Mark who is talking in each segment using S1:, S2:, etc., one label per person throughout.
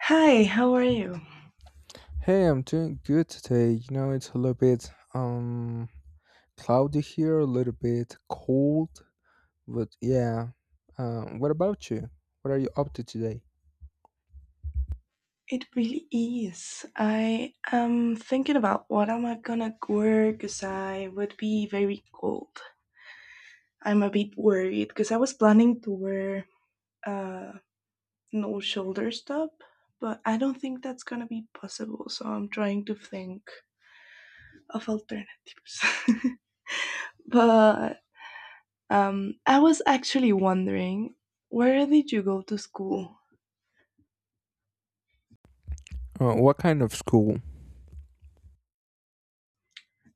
S1: Hi, how are you?
S2: Hey, I'm doing good today. You know, it's a little bit cloudy here, a little bit cold, but yeah. What about you? What are you up to today?
S1: It really is. I am thinking about what am I gonna wear because I would be very cold. I'm a bit worried because I was planning to wear uh no shoulders top, but I don't think that's gonna be possible. So I'm trying to think of alternatives. But I was actually wondering, where did you go to school?
S2: What kind of school?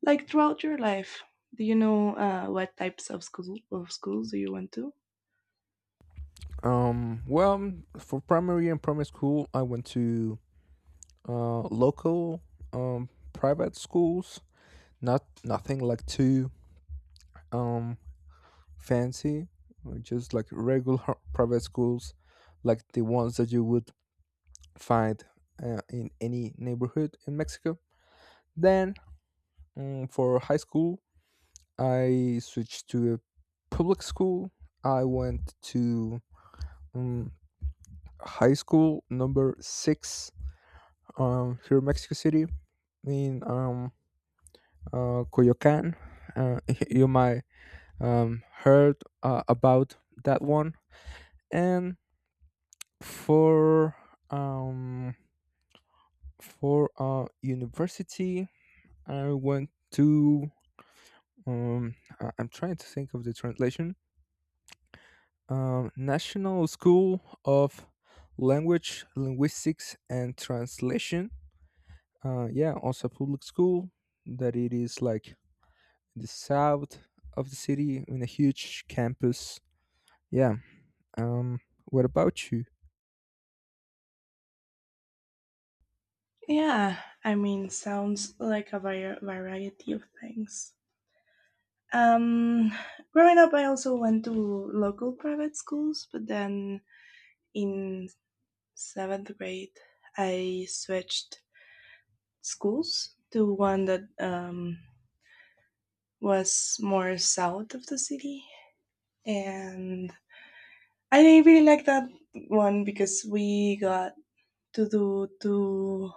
S1: Like throughout your life, do you know what types of schools do you went to?
S2: Well, for primary school, I went to local private schools. Not nothing like too um fancy, just like regular private schools, like the ones that you would find in any neighborhood in Mexico. Then, for high school, I switched to a public school. I went to um, high school number six here in Mexico City in Coyoacan. Uh, you might heard about that one. And for um, for university, I went to. I'm trying to think of the translation. National School of Language, Linguistics, and Translation. Yeah, also a public school that it is like the south of the city in a huge campus. Yeah. Um, what about you?
S1: Yeah, I mean, sounds like a variety of things. Um, Growing up, I also went to local private schools, but then in seventh grade, I switched schools to one that was more south of the city. And I didn't really like that one because we got to do two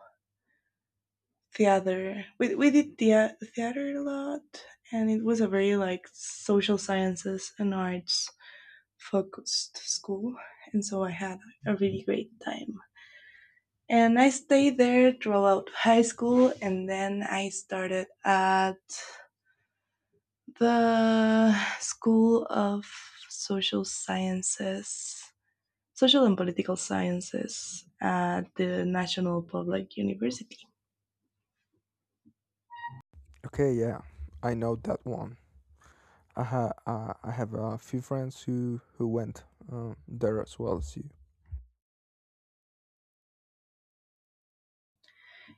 S1: theater. We did theater a lot, and it was a very like social sciences and arts focused school. And so I had a really great time. And I stayed there throughout high school, and then I started at the School of Social Sciences, Social and Political Sciences at the National Public University.
S2: Okay. Yeah, I know that one. I have a few friends who went there as well as you.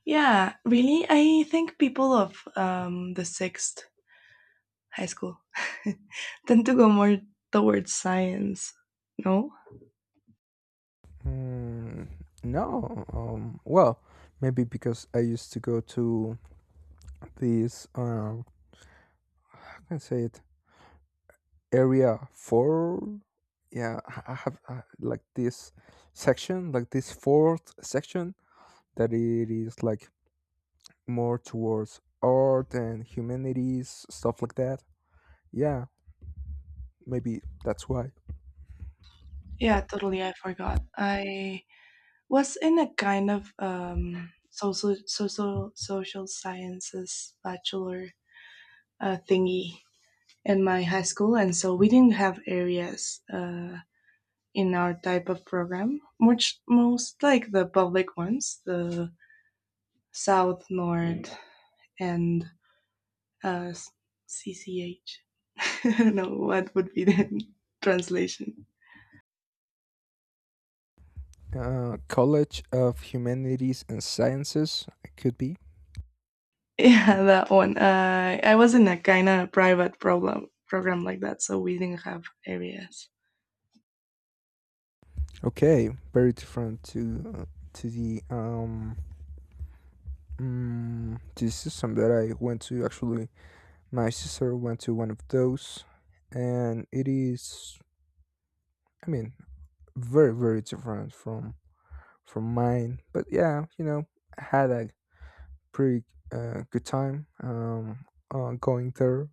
S1: Yeah, really, I think people of the sixth high school tend to go more towards science. No?
S2: Mm, no. Well, maybe because I used to go to this, how can I say it? Area 4. Yeah, I have like this section, like this fourth section that it is like more towards art and humanities, stuff like that. Yeah, maybe that's why.
S1: Yeah, totally. I forgot. I was in a kind of social sciences bachelor thingy in my high school, and so we didn't have areas in our type of program, much most like the public ones, the South, North, and uh, CCH. I don't know what would be the translation.
S2: College of Humanities and Sciences it could be.
S1: Yeah, that one. I was in a kind of private program like that, so we didn't have areas.
S2: Okay, very different to this is something that I went to actually. My sister went to one of those, and it is, I mean, very very different from mine. But yeah, I had a pretty good time going there.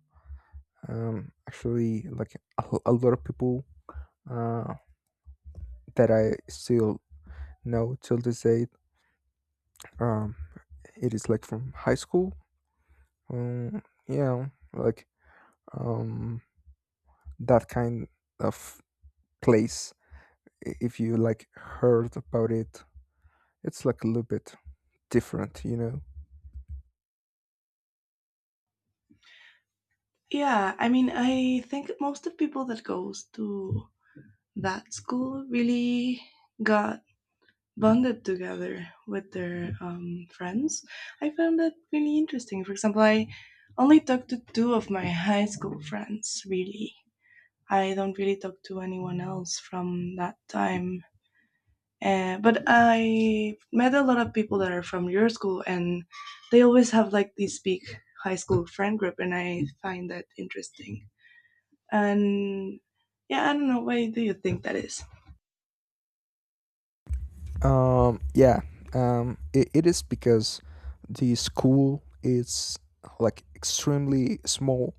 S2: Actually, like a lot of people uh, that I still know till this day. Um, it is like from high school. Yeah, like um that kind of place. If you like heard about it, it's like a little bit different.
S1: Yeah, I mean, I think most of people that goes to that school really got bonded together with their friends. I found that really interesting. For example, I only talked to two of my high school friends, really. I don't really talk to anyone else from that time. But I met a lot of people that are from your school, and they always have like this big high school friend group, and I find that interesting. And yeah, I don't know, why do you think that is?
S2: Yeah, it is because the school is like extremely small,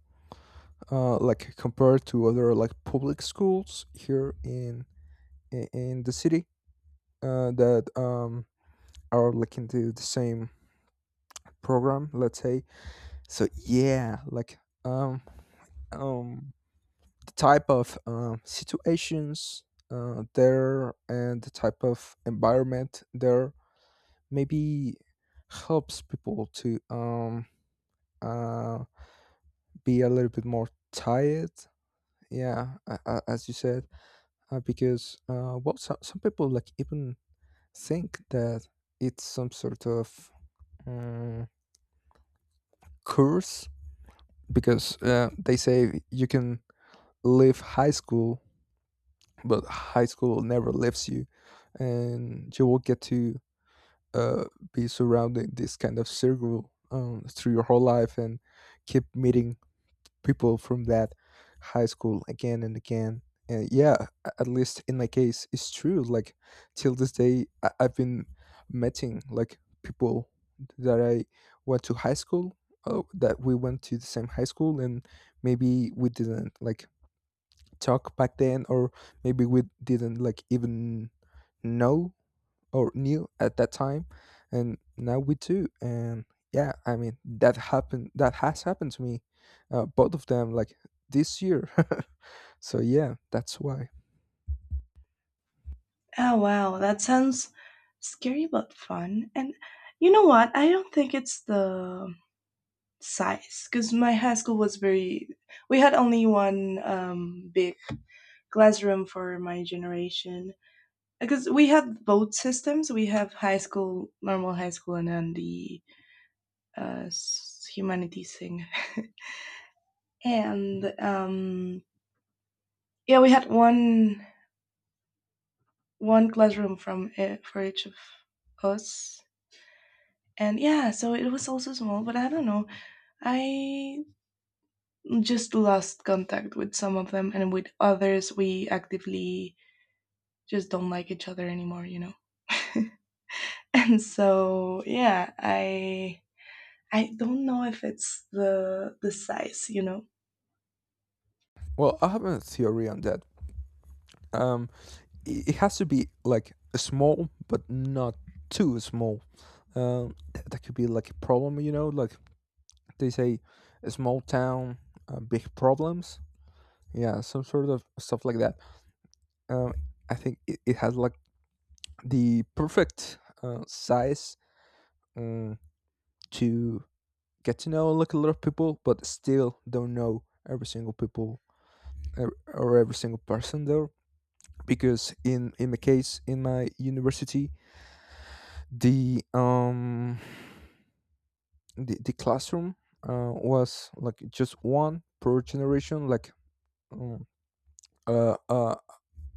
S2: like compared to other like public schools here in in the city that are like into the same program, let's say. So yeah, like um um type of situations there, and the type of environment there maybe helps people to uh, be a little bit more tired. Yeah, as you said, because well, some people like even think that it's some sort of um, curse because they say you can leave high school but high school never leaves you, and you will get to uh, be surrounding this kind of circle through your whole life and keep meeting people from that high school again and again. And yeah, at least in my case it's true. Like, till this day, I've been meeting like people that I went to high school that we went to the same high school, and maybe we didn't like talk back then or maybe we didn't like even know or knew at that time, and now we do. And yeah, I mean, that has happened to me both of them, like this year. So yeah, that's why.
S1: Oh wow, that sounds scary but fun. And you know what? I don't think it's the size because my high school was very. We had only one big classroom for my generation, because we had both systems. We have high school, normal high school, and then the uh, humanities thing. And yeah, we had one classroom from for each of us. And yeah, so it was also small, but I don't know. I just lost contact with some of them, and with others, we actively just don't like each other anymore, you know? And so, yeah, I don't know if it's the size, you know.
S2: Well, I have a theory on that. um it has to be like small but not too small. That could be like a problem, like they say, a small town, big problems, yeah, some sort of stuff like that. um I think it has like the perfect size, um, to get to know like a lot of people but still don't know every single people or every single person there. Because in my case, in my university, the um the classroom was like just one per generation. Like, um, uh, uh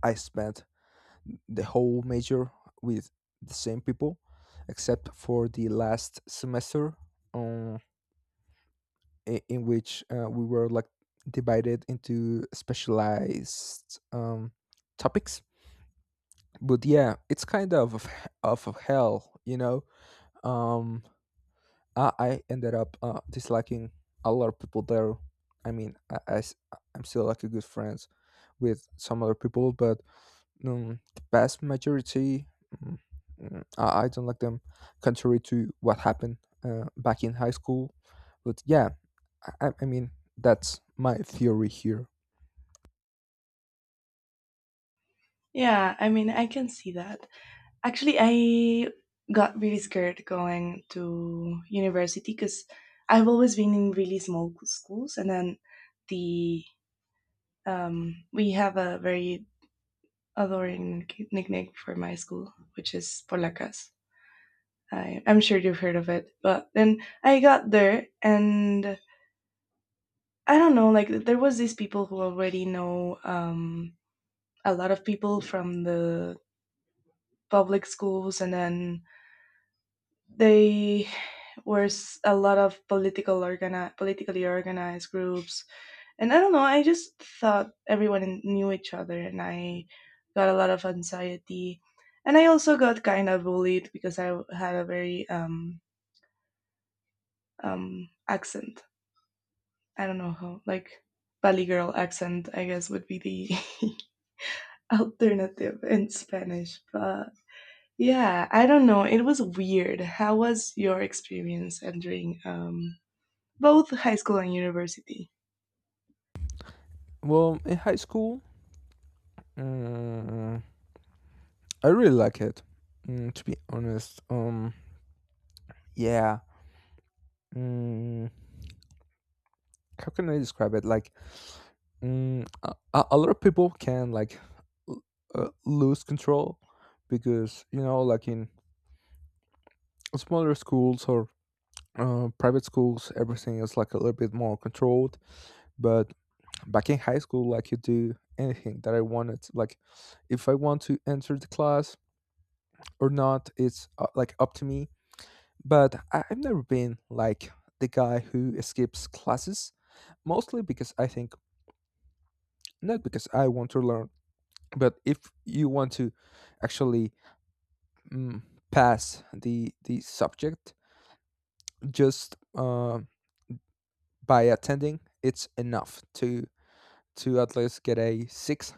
S2: I spent the whole major with the same people, except for the last semester, um, in which we were like divided into specialized topics. But yeah, it's kind of hell. Um, I ended up disliking a lot of people there. I mean, I'm still like a good friends with some other people, but the vast majority, mm, I don't like them, contrary to what happened back in high school. But yeah, I mean, that's my theory here.
S1: Yeah, I mean, I can see that. Actually, I got really scared going to university because I've always been in really small schools, and then the we have a very a Lorraine nickname for my school, which is Polacas. I'm sure you've heard of it. But then I got there, and I don't know, like there was these people who already know a lot of people from the public schools, and then they were a lot of politically organized groups. And I don't know, I just thought knew each other and I got a lot of anxiety. And I also got kind of bullied because I had a very accent. I don't know how like Bali girl accent, I guess would be the alternative in Spanish. But yeah, I don't know. It was weird. How was your experience entering both high school and university?
S2: Well, in high school, mm, I really like it, to be honest. Yeah. Mm, how can I describe it? Like, a lot of people can like l- lose control, because like in smaller schools or private schools, everything is like a little bit more controlled, but back in high school, like, you do anything that I wanted. Like, if I want to enter the class or not, it's like up to me. But I've never been like the guy who skips classes, mostly because I think, not because I want to learn, but if you want to actually, mm, pass the subject, just by attending it's enough to at least get a six.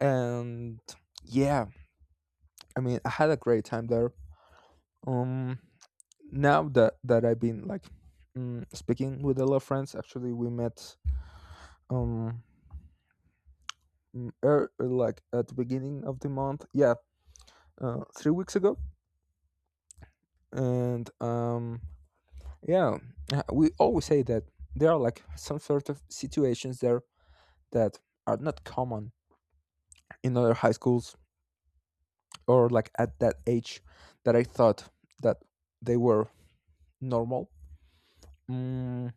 S2: And yeah, I mean, I had a great time there. Um, Now that I've been like, speaking with a lot of friends, actually, we met um like at the beginning of the month. Yeah, 3 weeks ago, and yeah, we always say that there are like some sort of situations there that are not common in other high schools or like at that age that I thought that they were normal. Mm,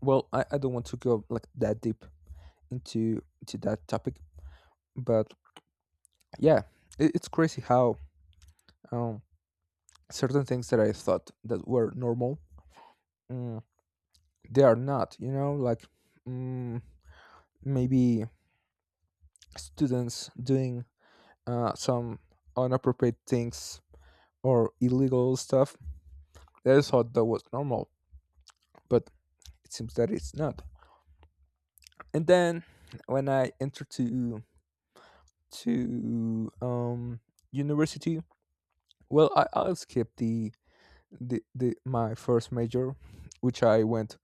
S2: well, I don't want to go like that deep into that topic, but yeah, it's crazy how um, certain things that I thought that were normal, mm, they are not. You know, like mm, maybe students doing some inappropriate things or illegal stuff that I thought that was normal, but it seems that it's not. And then, when I entered to to um university. Well, I'll skip the my first major, which I went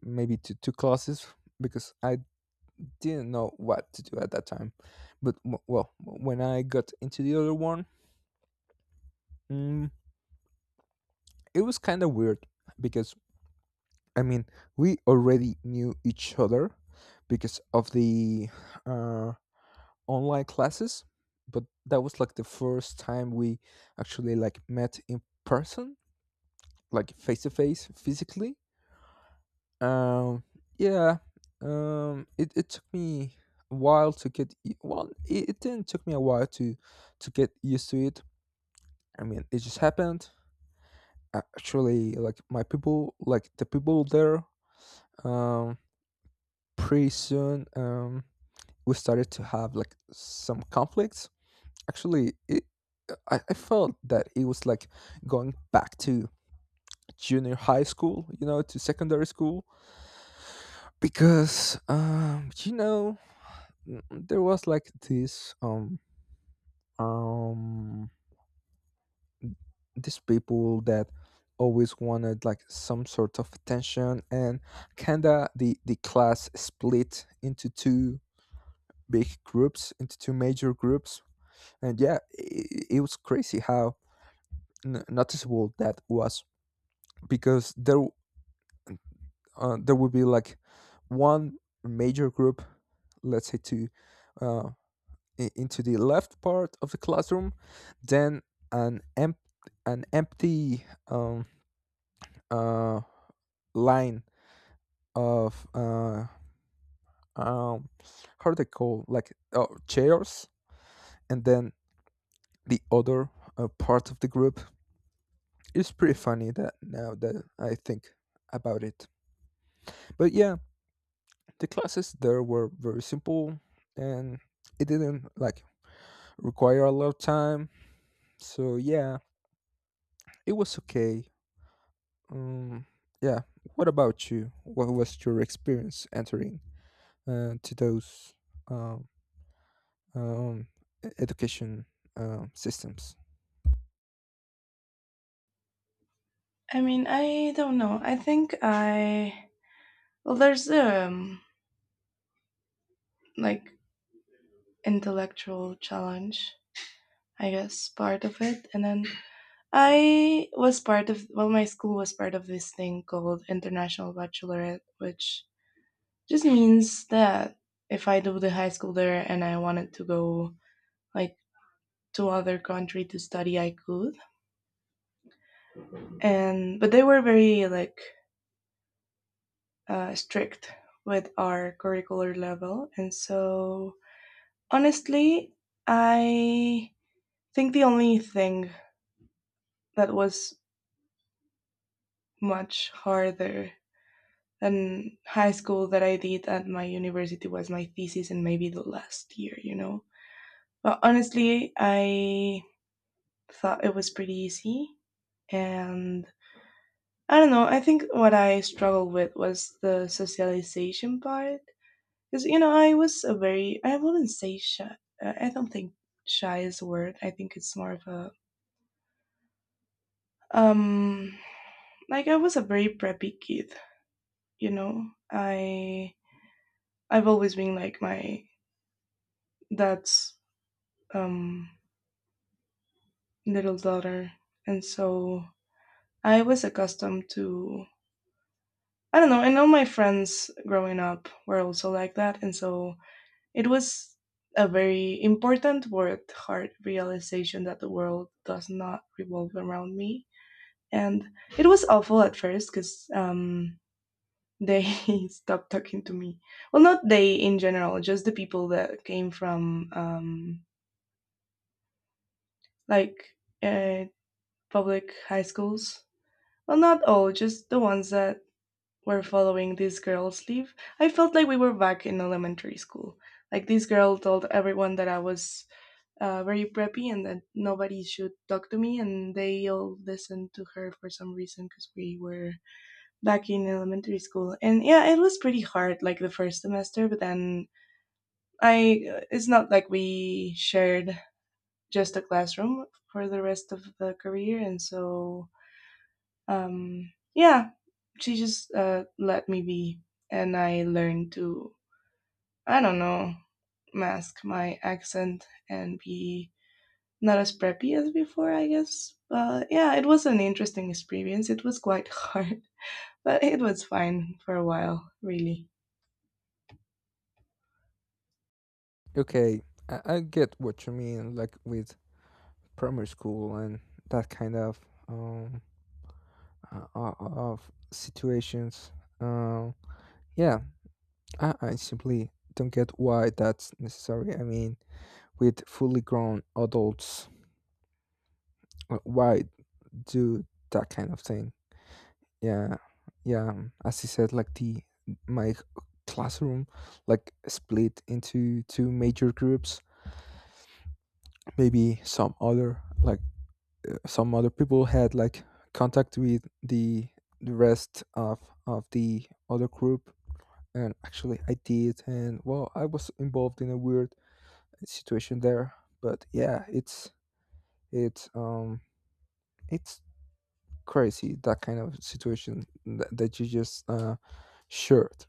S2: maybe to two classes because I didn't know what to do at that time. But well, when I got into the other one, mm, it was kind of weird, because I mean, we already knew each other because of the uh, online classes, but that was like the first time we actually like met in person, like face to face, physically. Um, yeah. It took me a while to get. It didn't took me a while to get used to it. I mean, it just happened. Actually, like my people, like the people there, um, pretty soon, we started to have like some conflicts. Actually, it. I felt that it was like going back to junior high school, to secondary school, because there was like this um these people that always wanted like some sort of attention, and kinda the class split into two big groups, into two major groups. And yeah, it was crazy how noticeable that was, because there would be like one major group, let's say two, uh, into the left part of the classroom, then an emp- an empty uh, line of um, how do they call, like, oh, chairs, and then the other part of the group. It's pretty funny that now that I think about it. But yeah, the classes there were very simple and it didn't like require a lot of time. So yeah, it was okay. Um, yeah. What about you? What was your experience entering to those um, um, education systems?
S1: I mean, I don't know. I think there's the like intellectual challenge, I guess, part of it, and then I was part of, well, my school was part of this thing called International Bachelorette, which just means that if I do the high school there and I wanted to go like to other country to study, I could. And but they were very like strict with our curricular level, and so honestly, I think the only thing that was much harder and high school that I did at my university was my thesis and maybe the last year, you know. But honestly, I thought it was pretty easy. And I don't know, I think what I struggled with was the socialization part. Because, you know, I was a very, I wouldn't say shy. I don't think shy is a word. I think it's more of a, um, like I was a very preppy kid, you know. I, I've always been like my dad's, um, little daughter. And so I was accustomed to, I don't know, I know my friends growing up were also like that. And so it was a very important but hard realization that the world does not revolve around me. And it was awful at first because they stopped talking to me. Well, not they in general, just the people that came from like uh, public high schools. Well, not all, just the ones that were following this girl's lead. I felt like we were back in elementary school. Like this girl told everyone that I was very preppy and that nobody should talk to me, and they all listened to her for some reason because we were back in elementary school. And yeah, it was pretty hard like the first semester, but then I it's not like we shared just a classroom for the rest of the career, and so yeah, she just let me be, and I learned to, I don't know, mask my accent and be not as preppy as before, I guess. But yeah, it was an interesting experience. It was quite hard, but it was fine for a while, really.
S2: Okay, I get what you mean, like with primary school and that kind um, of situations. Um, yeah, I simply don't get why that's necessary. I mean, with fully grown adults, why do that kind of thing? Yeah, yeah. As you said, like the my classroom, like split into two major groups. Maybe some other like, some other people had like contact with the rest of the other group. And actually, I did, and well, I was involved in a weird situation there. But yeah, it's um it's crazy that kind of situation that you just shared.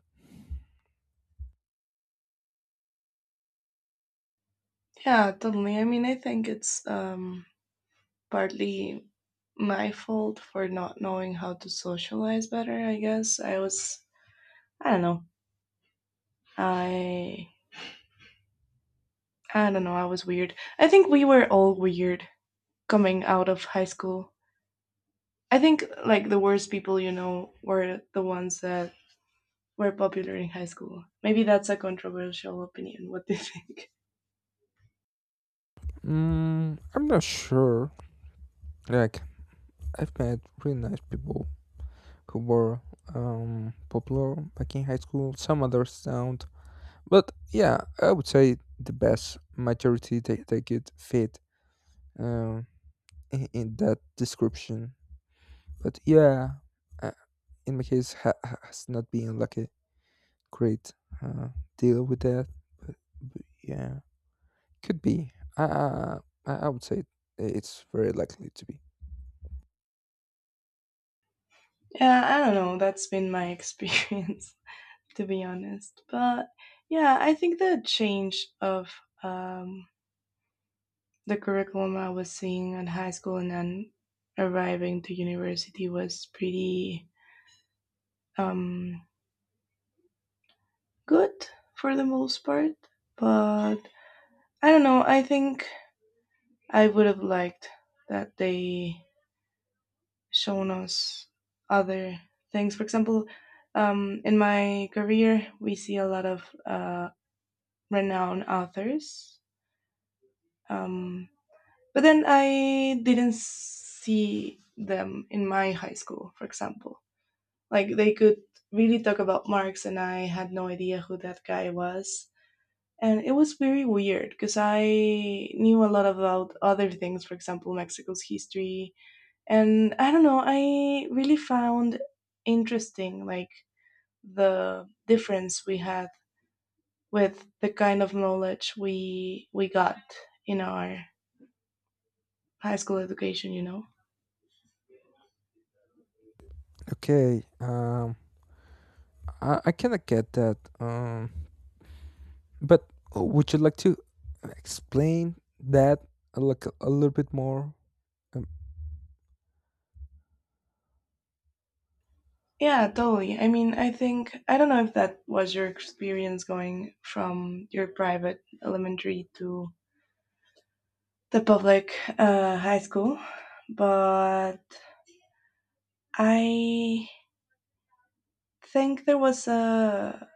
S1: Yeah, totally. I mean, I think it's partly my fault for not knowing how to socialize better. I guess I was, I don't know, I I don't know, I was weird. I think we were all weird coming out of high school. I think like the worst people, you know, were the ones that were popular in high school. Maybe that's a controversial opinion. What do you think?
S2: I'm not sure. Like, I've met really nice people who were popular back in high school. Some others don't. But yeah, I would say the best majority, they could fit um, in that description. But yeah, uh, in my case, has not been like a great uh, deal with that. But, but yeah, could be. I would say it's very likely to be.
S1: Yeah, I don't know. That's been my experience, to be honest. But yeah, I think the change of um, the curriculum I was seeing in high school and then arriving to university was pretty um, good for the most part, but I don't know. I think I would have liked that they shown us other things. For example, in my career, we see a lot of renowned authors, um, but then I didn't see them in my high school. For example, like they could really talk about Marx, and I had no idea who that guy was. And it was very weird because I knew a lot about other things, for example, Mexico's history. And I don't know, I really found interesting like the difference we had with the kind of knowledge we got in our high school education, you know.
S2: Okay. I kind of get that. But would you like to explain that like a little bit more? Um,
S1: Yeah, totally. I mean, I think I don't know if that was your experience going from your private elementary to the public high school, but I think there was a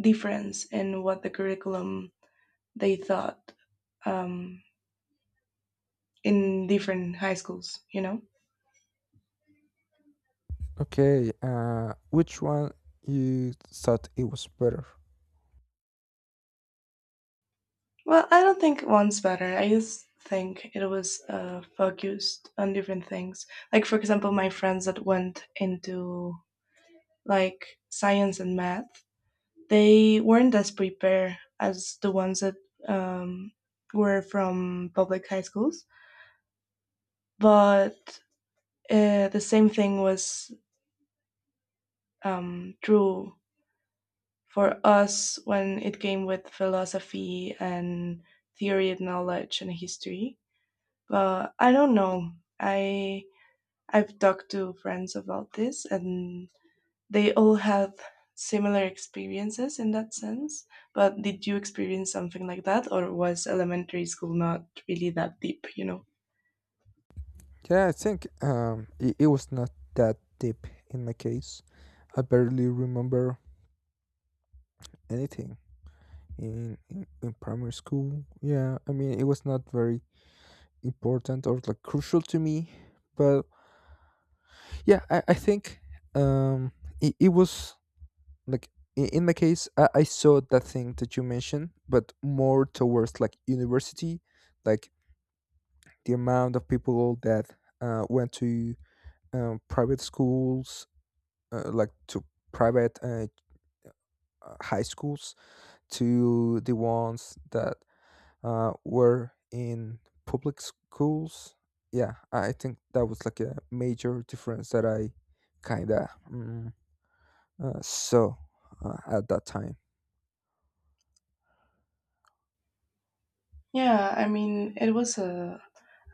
S1: difference in what the curriculum they thought um, in different high schools, you know?
S2: okay. Which one you thought it was better?
S1: Well, I don't think one's better. I just think it was focused on different things. Like, for example, my friends that went into like science and math, they weren't as prepared as the ones that um, were from public high schools, but the same thing was true for us when it came with philosophy and theory of knowledge and history. But I don't know. I I've talked to friends about this, and they all had similar experiences in that sense. But did you experience something like that, or was elementary school not really that deep, you know?
S2: Yeah, I think it was not that deep in my case. I barely remember anything in primary school. Yeah, I mean it was not very important or like crucial to me, but yeah, I think um, it was like, in my case, I saw that thing that you mentioned, but more towards like university, like the amount of people that went to private schools, like to private high schools, to the ones that were in public schools. Yeah, I think that was like a major difference that I kind of. So, at that time,
S1: Yeah, I mean, it was a,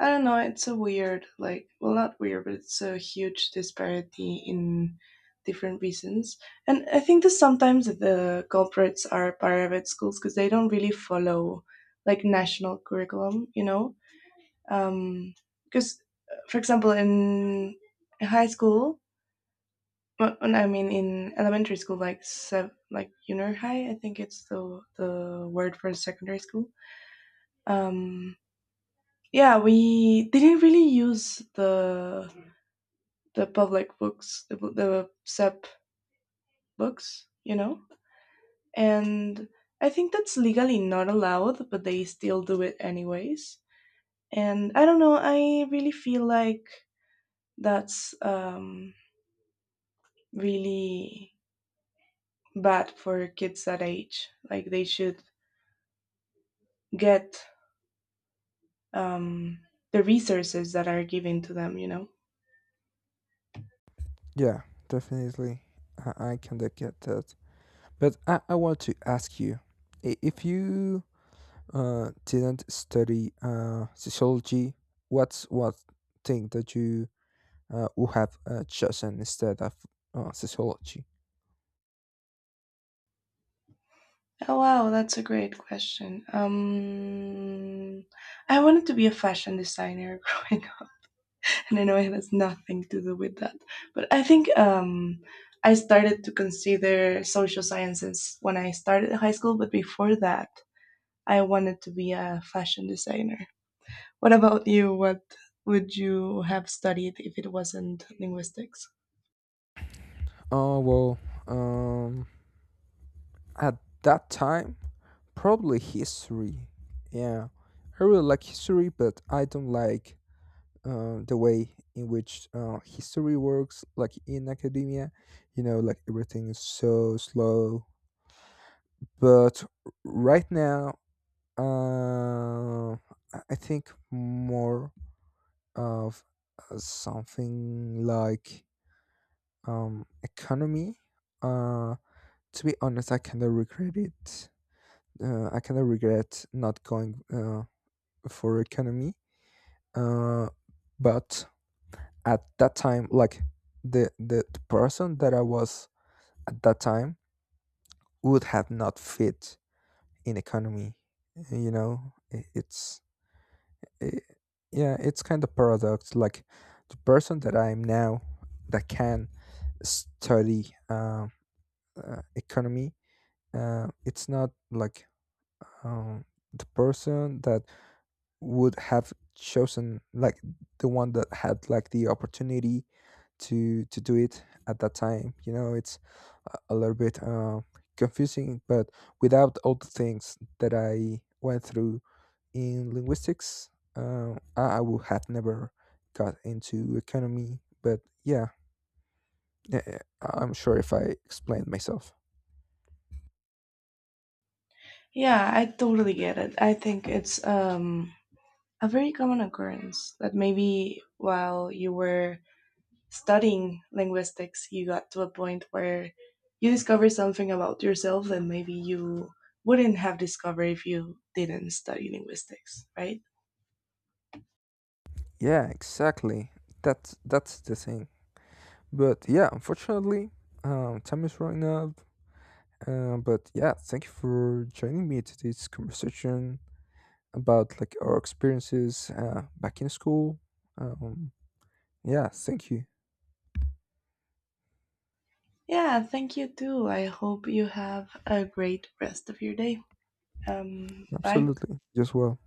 S1: I don't know, it's a weird, like, well, not weird, but it's a huge disparity in different reasons. And I think that sometimes the culprits are private schools because they don't really follow, like, national curriculum, you know? Um, because, for example, in high school, I mean, in elementary school, like, like, junior high, I think it's the word for secondary school. Um, yeah, we didn't really use the public books, the SEP books, you know. And I think that's legally not allowed, but they still do it anyways. And I don't know. I really feel like that's really bad for kids that age. Like they should get um, the resources that are given to them, you know?
S2: yeah, definitely, I can get that. But I want to ask you, if you didn't study sociology, what thing that you would have chosen instead of sociology?
S1: Oh wow, that's a great question. I wanted to be a fashion designer and I know it has nothing to do with that. But I think I started to consider social sciences when I started high school, but before that, I wanted to be a fashion designer. What about you? What would you have studied if it wasn't linguistics?
S2: Oh well, um, at that time, probably history. Yeah, I really like history, but I don't like the way in which history works, like in academia. You know, like everything is so slow. But right now, uh, I think more of something like economy. Uh, to be honest, I kind of regret it, I kind of regret not going for economy. Uh, but at that time, like the person that I was at that time would have not fit in economy. You know, i yeah, it's kind of paradox. Like, the person that I am now that can study economy, it's not like um, the person that would have chosen, like the one that had like the opportunity to do it at that time. It's a little bit confusing, but without all the things that I went through in linguistics, I would have never got into economy. But yeah, I'm sure if I explained myself.
S1: Yeah, I totally get it. I think it's a very common occurrence that maybe while you were studying linguistics, you got to a point where you discover something about yourself that maybe you wouldn't have discovered if you didn't study linguistics, right?
S2: Yeah, exactly, that's the thing. But yeah, unfortunately, time is running out. But yeah, thank you for joining me to this conversation about like our experiences back in school. Um, yeah, thank you.
S1: Yeah, thank you too. I hope you have a great rest of your day. Bye.
S2: Absolutely. Just well.